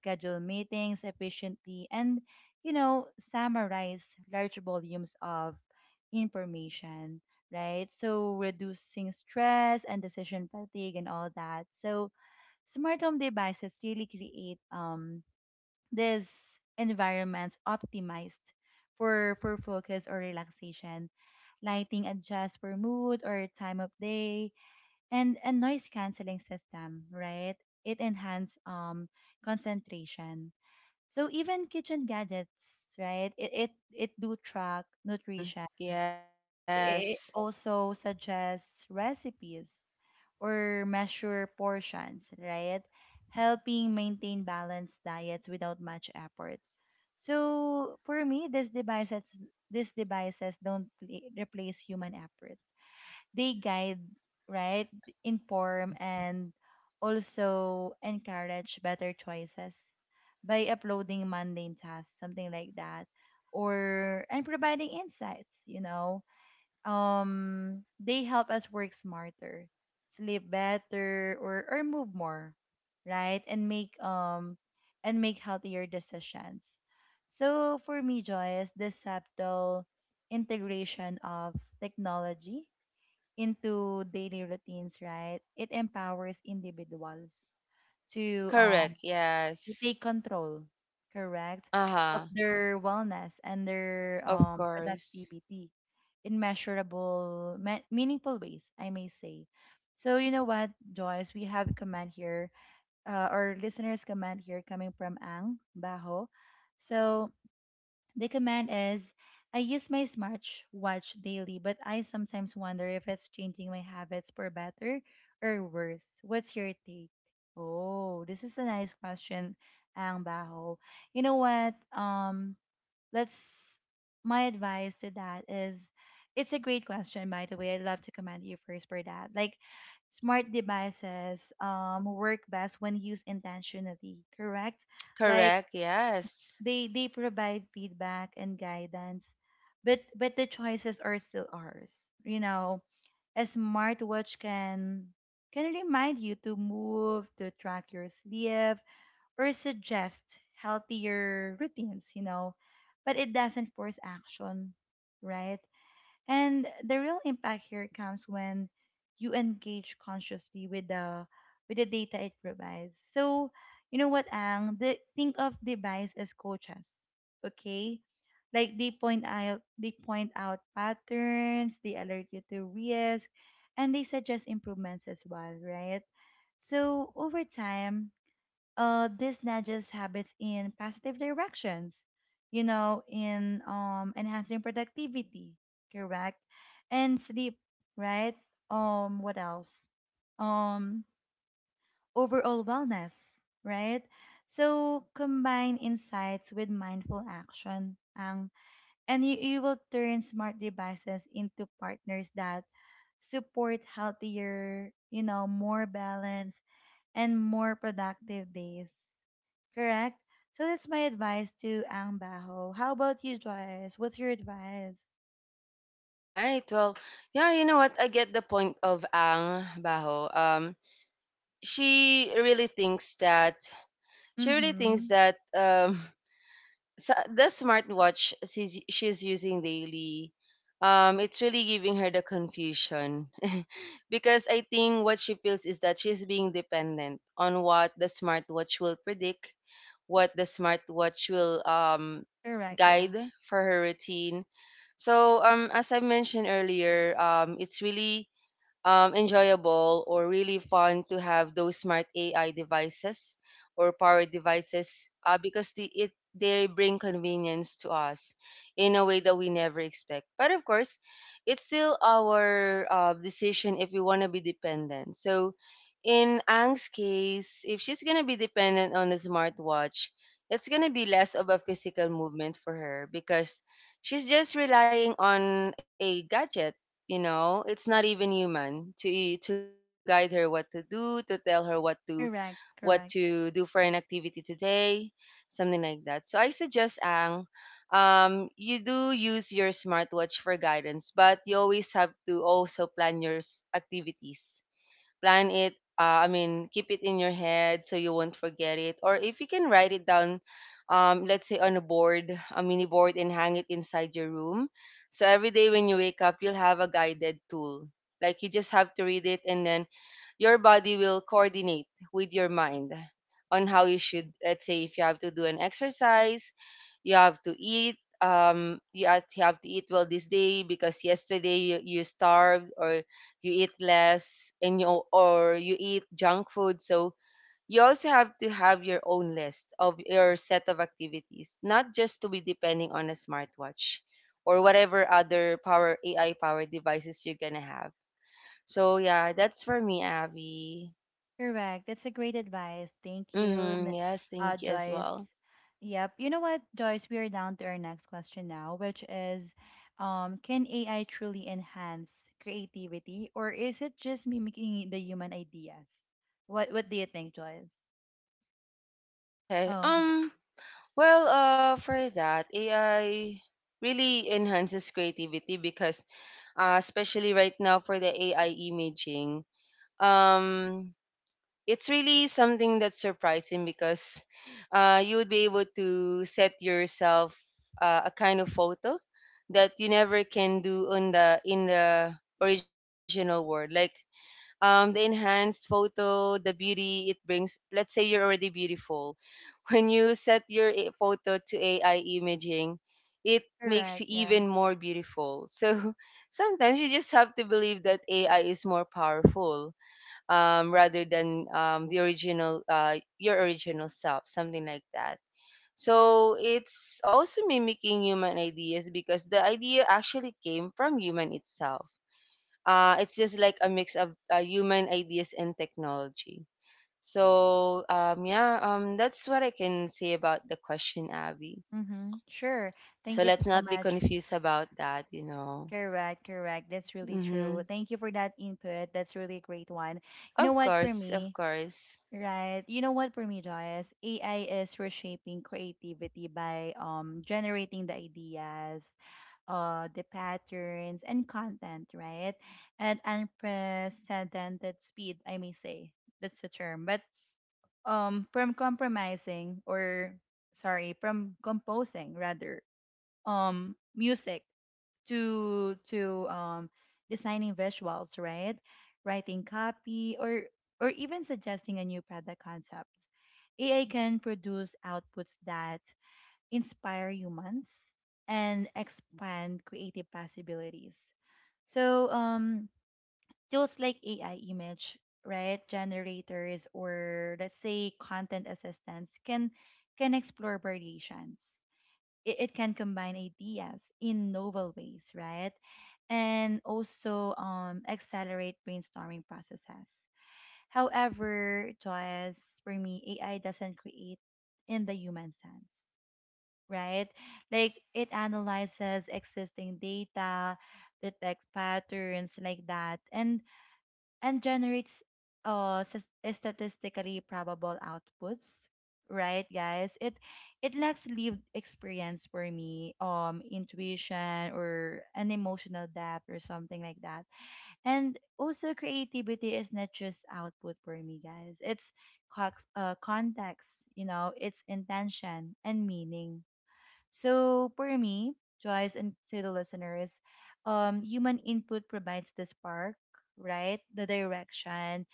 Speaker 1: schedule meetings efficiently, and you know, summarize large volumes of information, right? So reducing stress and decision fatigue and all that. So smart home devices really create this environment optimized for focus or relaxation. Lighting adjusts for mood or time of day, and a noise canceling system, right? It enhances concentration. So even kitchen gadgets, right? It do track
Speaker 2: Mm.
Speaker 1: nutrition.
Speaker 2: Yes.
Speaker 1: It also suggests recipes or measure portions, right? Helping maintain balanced diets without much effort. So for me, these devices don't replace human effort. They guide, right, inform, and also encourage better choices by uploading mundane tasks, something like that, or and providing insights. You know, they help us work smarter, sleep better, or move more, right, and make healthier decisions. So for me, Joyce, this subtle integration of technology into daily routines, right, it empowers individuals to um
Speaker 2: Correct.
Speaker 1: to
Speaker 2: Yes.
Speaker 1: take control, correct, of
Speaker 2: Uh-huh.
Speaker 1: their wellness and their
Speaker 2: Of course.
Speaker 1: productivity in measurable, meaningful ways, I may say. So, you know what, Joyce, we have a comment here, our listeners' comment here coming from Ang Baho. So, the command is I use my smartwatch daily, but I sometimes wonder if it's changing my habits for better or worse. What's your take? Oh, this is a nice question, Ang Baho. You know what? Let's My advice to that is it's a great question, by the way. I'd love to comment you first for that. Like smart devices work best when used intentionally, correct? Like
Speaker 2: Correct. Yes.
Speaker 1: they provide feedback and guidance, but the choices are still ours. You know, a smartwatch can remind you to move, to track your sleep, or suggest healthier routines, you know, but it doesn't force action, right? And the real impact here comes when you engage consciously with the data it provides. So, you know what, Ang? Think of device as coaches, okay? Like they point out patterns, they alert you to risk, and they suggest improvements as well, right? So over time, this nudges habits in positive directions, you know, in enhancing productivity, correct? And sleep, right? What else? Um, Overall wellness, right? So combine insights with mindful action, Ang, and you will turn smart devices into partners that support healthier, you know, more balanced and more productive days. Correct? So that's my advice to Ang Baho. How about you, Joyce? What's your advice?
Speaker 2: Right. Well, yeah, you know what? I get the point of Ang Baho. She really thinks that she really thinks
Speaker 1: Mm-hmm.
Speaker 2: that *laughs* the smartwatch she's using daily it's really giving her the confusion *laughs* because I think what she feels is that she's being dependent on what the smartwatch will predict what the smartwatch will
Speaker 1: Correct, yeah.
Speaker 2: guide for her routine. So as I mentioned earlier, it's really enjoyable or really fun to have those smart AI devices or power devices because they bring convenience to us in a way that we never expect. But of course, it's still our decision if we want to be dependent. So in Ang's case, if she's gonna be dependent on a smartwatch, it's gonna be less of a physical movement for her because she's just relying on a gadget, you know, it's not even human to to guide her what to do, to tell her what to, what
Speaker 1: Correct,
Speaker 2: to
Speaker 1: correct.
Speaker 2: do for an activity today, something like that. So I suggest Ang, you do use your smartwatch for guidance, but you always have to also plan your activities, plan it I mean, keep it in your head so you won't forget it, or if you can write it down, let's say on a board, a mini board, and hang it inside your room, so every day when you wake up, you'll have a guided tool, like you just have to read it and then your body will coordinate with your mind on how you should, let's say if you have to do an exercise, you have to eat, you have to eat well this day because yesterday you starved or you eat less and you, or you eat junk food. So you also have to have your own list of your set of activities, not just to be depending on a smartwatch or whatever other power AI powered devices you're gonna have. So yeah, that's for me, Avi.
Speaker 1: Correct. That's a great advice. Thank you,
Speaker 2: Mm-hmm, yes, thank you as well.
Speaker 1: Joyce. Yep. You know what, Joyce? We are down to our next question now, which is can AI truly enhance creativity or is it just mimicking the human ideas? What do you think, Joyce?
Speaker 2: Okay,
Speaker 1: Oh,
Speaker 2: well, for that, AI really enhances creativity because especially right now for the AI imaging, um it's really something that's surprising because you would be able to set yourself a kind of photo that you never can do on the original world. Like the enhanced photo, the beauty it brings, let's say you're already beautiful, *laughs* when you set your photo to AI imaging, it makes you
Speaker 1: correct. Yeah.
Speaker 2: even more beautiful. So *laughs* sometimes you just have to believe that AI is more powerful rather than the original, your original self, something like that. So it's also mimicking human ideas because the idea actually came from human itself. It's just like a mix of human ideas and technology. So yeah, that's what I can say about the question, Abby.
Speaker 1: Mm-hmm. Sure.
Speaker 2: So
Speaker 1: Thank you for
Speaker 2: let's
Speaker 1: so
Speaker 2: not be
Speaker 1: much.
Speaker 2: confused about that, you know.
Speaker 1: Correct, correct. That's really true.
Speaker 2: Mm-hmm.
Speaker 1: Thank you for that input. That's really a great one. You know
Speaker 2: Of
Speaker 1: what for
Speaker 2: course, of
Speaker 1: me,
Speaker 2: course.
Speaker 1: right? You know what for me, Joyce? AI is reshaping creativity by generating the ideas, the patterns and content, right? At unprecedented speed, I may say. That's the term. But from compromising or sorry, from composing rather music to designing visuals, right, writing copy, or even suggesting a new product concept. AI can produce outputs that inspire humans and expand creative possibilities. So tools like AI image, right, generators, or let's say content assistants, can explore variations. It can combine ideas in novel ways, right? And also accelerate brainstorming processes. However, Joyce, for me, AI doesn't create in the human sense, right? Like it analyzes existing data, detects patterns like that, and generates uh s- statistically probable outputs, right, guys. It lacks lived experience, for me, intuition or an emotional depth or something like that. And also creativity is not just output, for me, guys. It's context, you know, it's intention and meaning. So for me, Joyce, and to the listeners, human input provides the spark, right? The direction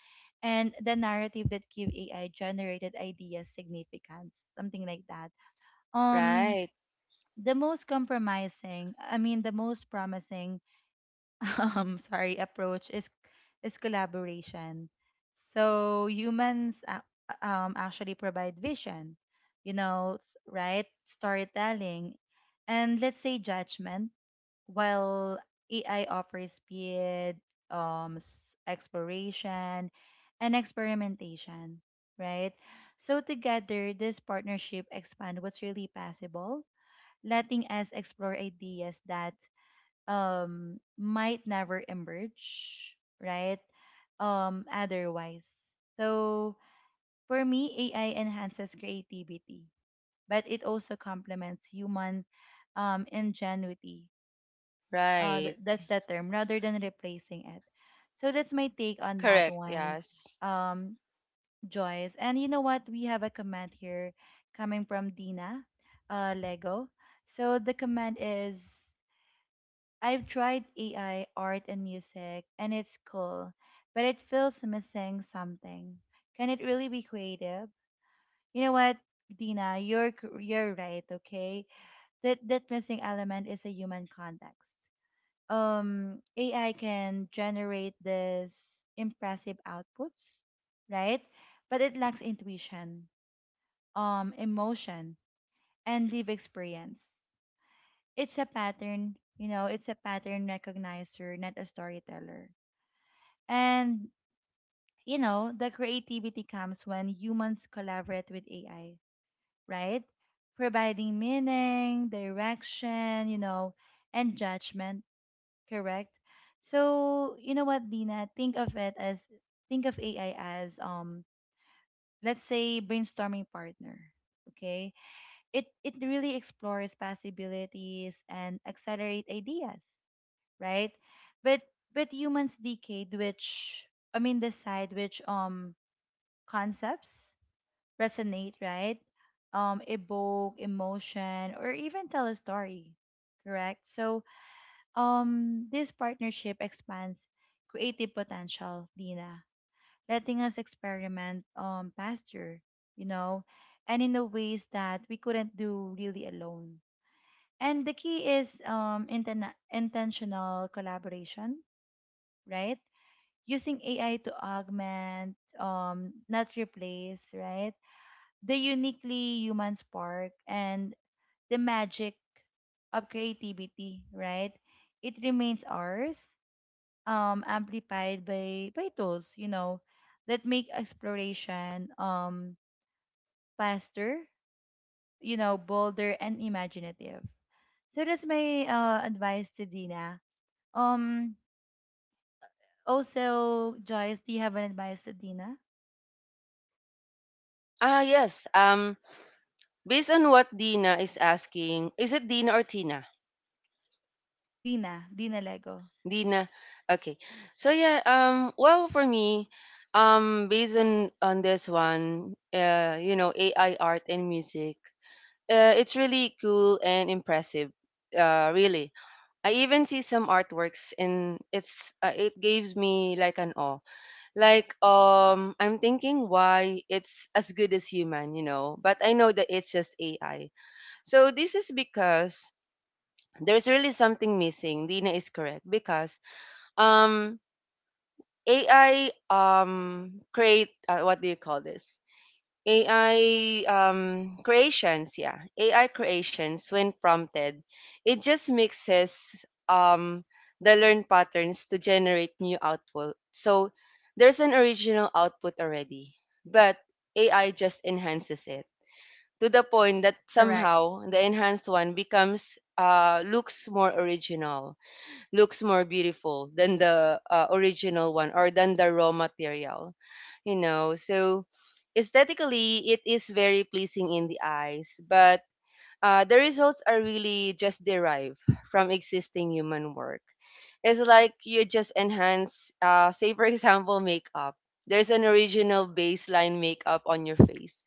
Speaker 1: and the narrative that give AI generated ideas significance, something like that. Um,
Speaker 2: Right,
Speaker 1: the most compromising, I mean, The most promising *laughs* sorry approach is collaboration. So humans actually provide vision, you know, storytelling, and let's say judgment, while AI offers speed, exploration, and experimentation, right? So together this partnership expand what's really possible, letting us explore ideas that might never emerge, right? Otherwise. So for me, AI enhances creativity, but it also complements human ingenuity.
Speaker 2: right.
Speaker 1: That's the term, rather than replacing it. So that's my
Speaker 2: Correct.
Speaker 1: take on that
Speaker 2: Yes.
Speaker 1: one. Um Joyce. And you know what? We have a comment here coming from Dina Lego. So the comment is I've tried AI, art, and music, and it's cool, but it feels missing something. Can it really be creative? You know what, Dina, you're right. Okay, that missing element is a human context. AI can generate this impressive outputs, right? But it lacks intuition, emotion, and live experience. It's a pattern, you know. It's a pattern recognizer, not a storyteller. And the creativity comes when humans collaborate with AI, right? Providing meaning, direction, and judgment, correct? So, you know what, Dina, think of AI as let's say brainstorming partner, okay? It really explores possibilities and accelerate ideas, right? But but humans decade which I mean decide which concepts resonate, right? Evoke emotion or even tell a story, correct? So, this partnership expands creative potential, Dina, letting us experiment faster, you know, and in the ways that we couldn't do really alone. And the key is intentional collaboration, right? Using AI to augment, not replace, right? The uniquely human spark and the magic of creativity, right? It remains ours, amplified by tools, that make exploration faster, you know, bolder and imaginative. So that's my advice to Dina. Um, Also, Joyce, do you have an advice to Dina?
Speaker 2: Ah, yes. Based on what Dina is asking, is it Dina or Tina?
Speaker 1: Dina, Dina Lego.
Speaker 2: Dina. Okay. So yeah. Well, for me, based on this one, you know, AI art and music, it's really cool and impressive. Really. I even see some artworks, and it's it gives me like an awe. Like I'm thinking why it's as good as human, you know. But I know that it's just AI. So this is because there's really something missing. Dina is correct because um AI create, what do you call this? AI creations, yeah. AI creations when prompted, it just mixes the learned patterns to generate new output. So there's an original output already, but AI just enhances it to the point that
Speaker 1: Correct,
Speaker 2: somehow the enhanced one becomes, looks more original, looks more beautiful than the original one, or than the raw material, you know. So aesthetically, it is very pleasing in the eyes, but the results are really just derived from existing human work. It's like you just enhance, *laughs* say, for example, makeup. There's an original baseline makeup on your face.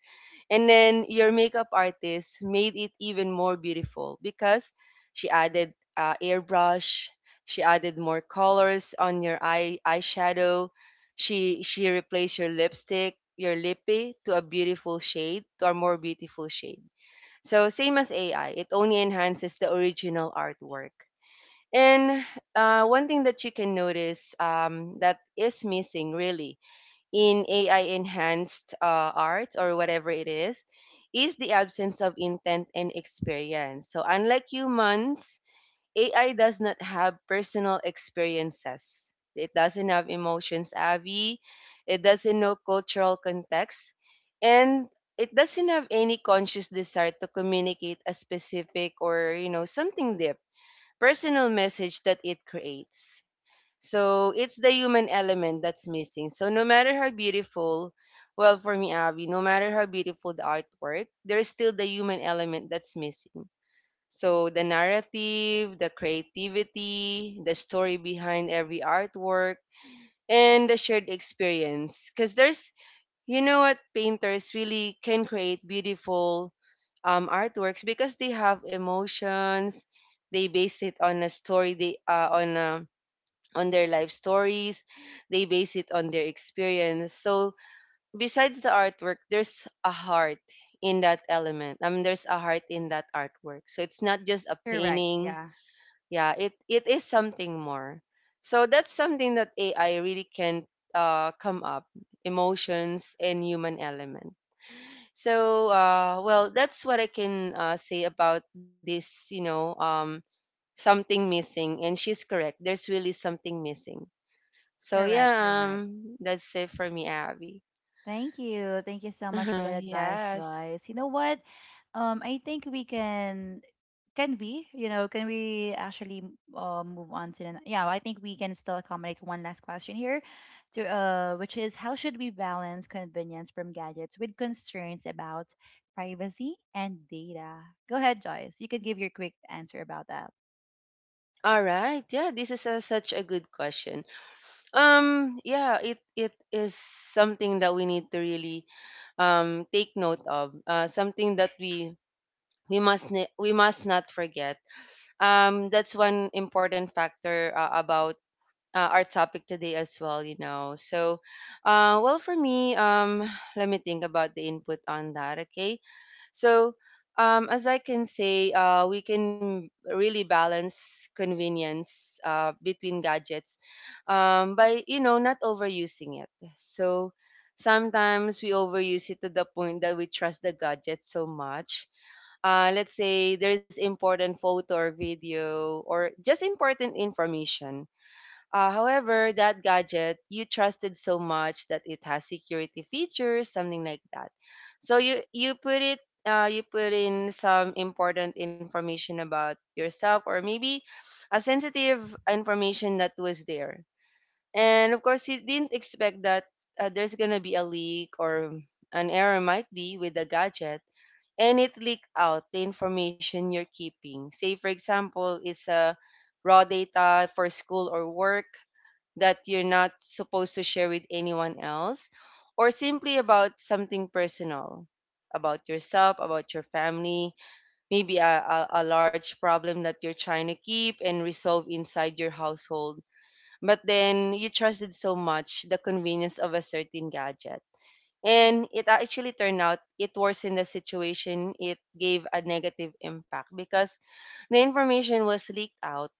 Speaker 2: And then your makeup artist made it even more beautiful because she added airbrush, she added more colors on your eyeshadow, she replaced your lipstick, your lippy, to a beautiful shade, to a more beautiful shade. So same as AI, it only enhances the original artwork. And one thing that you can notice that is missing really in AI enhanced art or whatever it is the absence of intent and experience. So unlike humans, AI does not have personal experiences. It doesn't have emotions, Avi. It doesn't know cultural context. And it doesn't have any conscious desire to communicate a specific, or you know, something deep personal message that it creates. So it's the human element that's missing. So no matter how beautiful, well, for me, Avi, no matter how beautiful the artwork, there's still the human element that's missing. So the narrative, the creativity, the story behind every artwork, and the shared experience. Because there's, you know what, painters really can create beautiful artworks because they have emotions. They base it on a story. They on their life stories. They base it on their experience. So besides the artwork, there's a heart in that element. I mean, there's a heart in that artwork. So it's not just a
Speaker 1: correct,
Speaker 2: painting,
Speaker 1: yeah,
Speaker 2: yeah, it is something more. So that's something that AI really can come up, emotions and human element. So well, that's what I can say about this, you know. Something missing, and she's correct, there's really something missing. So
Speaker 1: correct,
Speaker 2: yeah,
Speaker 1: correct.
Speaker 2: that's it for me, Abby.
Speaker 1: Thank you. Thank you so
Speaker 2: *laughs*
Speaker 1: much for
Speaker 2: Uh-huh,
Speaker 1: that advice,
Speaker 2: yes.
Speaker 1: Joyce. You know what? I think we can we, you know, can we actually move on to yeah, I think we can still accommodate one last question here to which is how should we balance convenience from gadgets with concerns about privacy and data? Go ahead, Joyce. You could give your quick answer about that.
Speaker 2: All right, yeah, this is a, such a good question. Yeah, it is something that we need to really take note of, something that we we must not forget, that's one important factor about our topic today as well, you know. So well, for me, let me think about the input on that. Okay, so, as I can say, we can really balance convenience between gadgets by, you know, not overusing it. So, sometimes we overuse it to the point that we trust the gadget so much. Let's say there's important photo or video or just important information, however, that gadget you trusted so much that it has security features, something like that. So you put it, you put in some important information about yourself, or maybe a sensitive information that was there. And of course, you didn't expect that there's gonna be a leak or an error might be with the gadget, and it leaked out the information you're keeping. Say, for example, it's a raw data for school or work that you're not supposed to share with anyone else, or simply about something personal about yourself, about your family, maybe a large problem that you're trying to keep and resolve inside your household. But then you trusted so much the convenience of a certain gadget. And it actually turned out it worsened the situation. It gave a negative impact because the information was leaked out,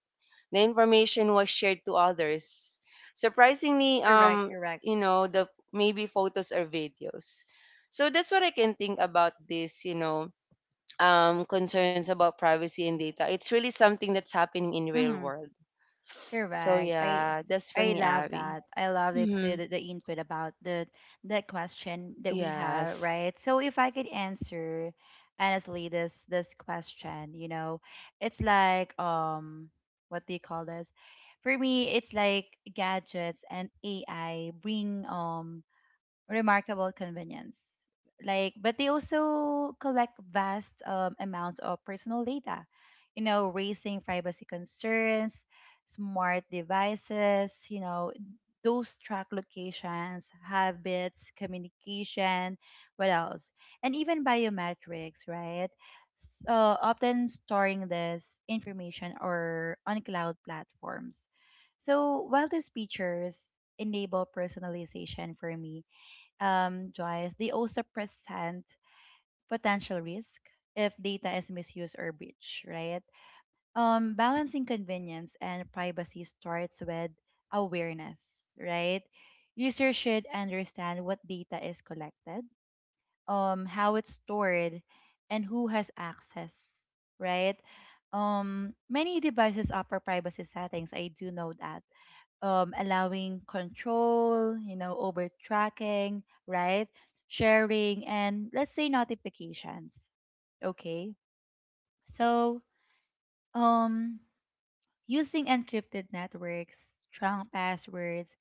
Speaker 2: the information was shared to others. Surprisingly,
Speaker 1: Correct, correct.
Speaker 2: you know, the maybe photos or videos. So that's what I can think about this, you know, concerns about privacy and data. It's really something that's happening in real
Speaker 1: Mhm.
Speaker 2: world. So
Speaker 1: Correct.
Speaker 2: yeah, that's for
Speaker 1: I
Speaker 2: me,
Speaker 1: love
Speaker 2: Abby.
Speaker 1: that. I love
Speaker 2: Mm-hmm.
Speaker 1: the input about the question that we have,
Speaker 2: Yes,
Speaker 1: right? So if I could answer honestly this question, you know, it's like what do you call this? For me, it's like gadgets and AI bring remarkable convenience. Like, but they also collect vast amounts of personal data, you know, raising privacy concerns, smart devices, you know, those track locations, habits, communication, what else? And even biometrics, right? So often storing this information or on cloud platforms. So while these features enable personalization for me, Joyce, they also present potential risk if data is misused or breached, right? Balancing convenience and privacy starts with awareness, right? Users should understand what data is collected, how it's stored, and who has access, right? Many devices offer privacy settings. I do know that, allowing control, you know, over tracking, right? Sharing and let's say notifications. Okay. So um using encrypted networks, strong passwords,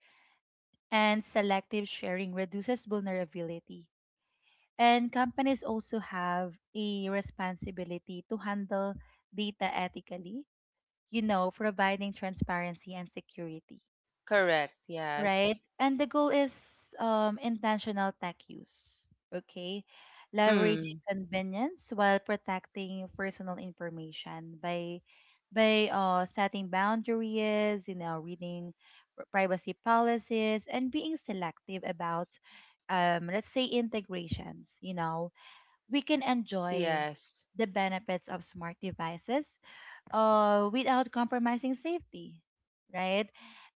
Speaker 1: and selective sharing reduces vulnerability. And companies also have a responsibility to handle data ethically, you know, providing transparency and security.
Speaker 2: correct.
Speaker 1: Right?
Speaker 2: Yes.
Speaker 1: And the goal is intentional tech use, okay? Leveraging
Speaker 2: Mm,
Speaker 1: convenience while protecting personal information by setting boundaries, you know, reading privacy policies, and being selective about, let's say, integrations. You know, we can
Speaker 2: yes,
Speaker 1: enjoy the benefits of smart devices without compromising safety, right?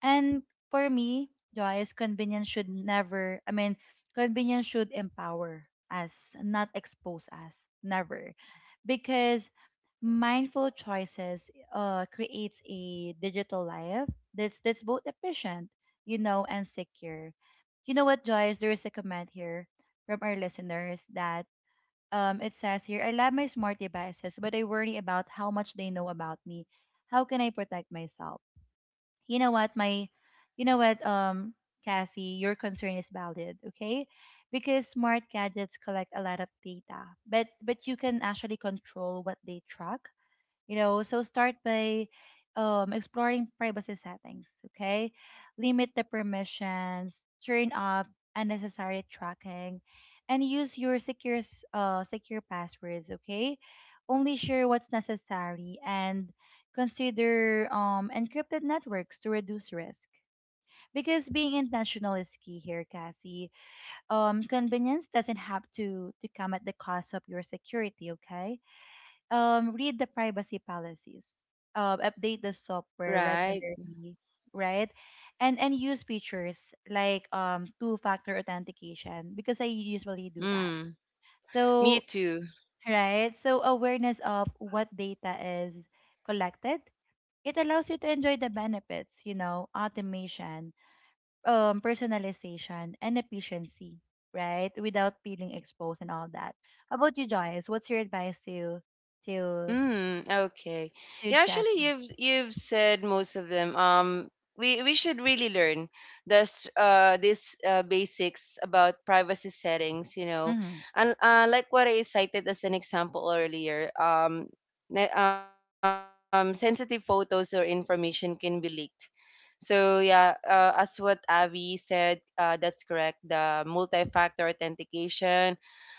Speaker 1: And for me, Joyce, convenience should never, I mean, convenience should empower us, not expose us, never.
Speaker 2: correct.
Speaker 1: Because
Speaker 2: Yes,
Speaker 1: mindful choices creates a digital life that's, both efficient, you know, and secure. You know what, Joyce? There is a comment here from our listeners that, it says here, I love my smart devices, but I worry about how much they know about me. How can I protect myself? You know what, my, you know what, Cassie, your concern is valid, okay? Because smart gadgets collect a lot of data, but you can actually control what they track, you know, so start by exploring privacy settings, okay? Limit the permissions, turn off unnecessary tracking, and use your secure passwords, okay? Only share what's necessary and consider encrypted networks to reduce risk. Because being intentional is key here, Cassie. Convenience doesn't have to come at the cost of your security, okay? Read the
Speaker 2: right.
Speaker 1: privacy policies, update the
Speaker 2: Correct.
Speaker 1: software regularly, right? And use features like two-factor authentication because I usually do
Speaker 2: Mm,
Speaker 1: that.
Speaker 2: me
Speaker 1: So
Speaker 2: too.
Speaker 1: right, so awareness of what data is collected. It allows you to enjoy the benefits, you know, automation, personalization, and efficiency, right? Without feeling exposed and all that. How about you, Joyce? What's your advice to to
Speaker 2: Mm, okay. Yeah, actually
Speaker 1: Jesse?
Speaker 2: you've said most of them. We should really learn this these basics about privacy settings, you know.
Speaker 1: Mm-hmm.
Speaker 2: And like what I cited as an example earlier, sensitive photos or information can be leaked. So yeah, as what Avi said, that's correct. The multi-factor authentication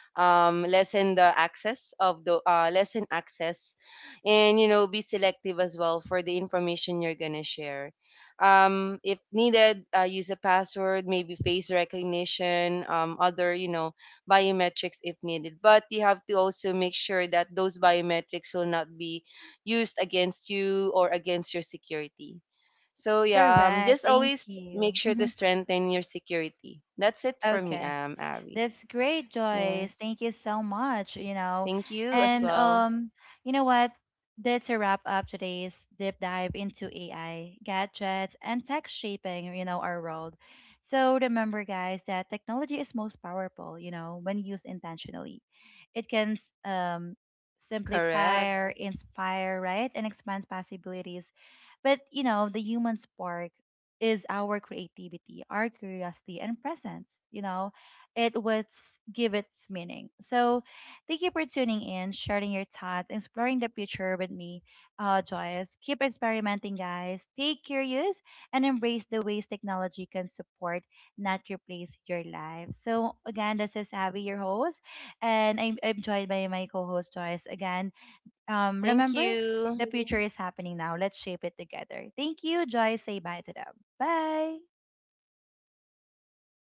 Speaker 2: lessen the access of the, lessen access. And you know, be selective as well for the information you're gonna share, if needed, use a password, maybe face recognition, other, you know, biometrics if needed, but you have to also make sure that those biometrics will not be used against you or against your security. So
Speaker 1: All
Speaker 2: yeah,
Speaker 1: right.
Speaker 2: just
Speaker 1: Thank
Speaker 2: always make
Speaker 1: you.
Speaker 2: sure to
Speaker 1: Mm-hmm.
Speaker 2: strengthen your security. That's it for me,
Speaker 1: Okay.
Speaker 2: Abby.
Speaker 1: That's great, Joyce.
Speaker 2: Yes.
Speaker 1: Thank you so much, you know.
Speaker 2: Thank you
Speaker 1: And
Speaker 2: as well.
Speaker 1: you know what? That's a wrap up today's deep dive into AI, gadgets, and tech shaping, you know, our world. So remember, guys, that technology is most powerful, you know, when used intentionally. It can
Speaker 2: Correct.
Speaker 1: simplify, inspire, right, and expand possibilities. But you know, the human spark is our creativity, our curiosity, and presence. You know it would give its meaning. So, thank you for tuning in, sharing your thoughts, exploring the future with me, Joyce. Keep experimenting, guys. Stay curious and embrace the ways technology can support, not replace your life. So, again, this is Abby, your host, and I'm joined by my co host, Joyce. Again, remember,
Speaker 2: Thank
Speaker 1: the
Speaker 2: you.
Speaker 1: future is happening now. Let's shape it together. Thank you, Joyce. Say bye to them. Bye.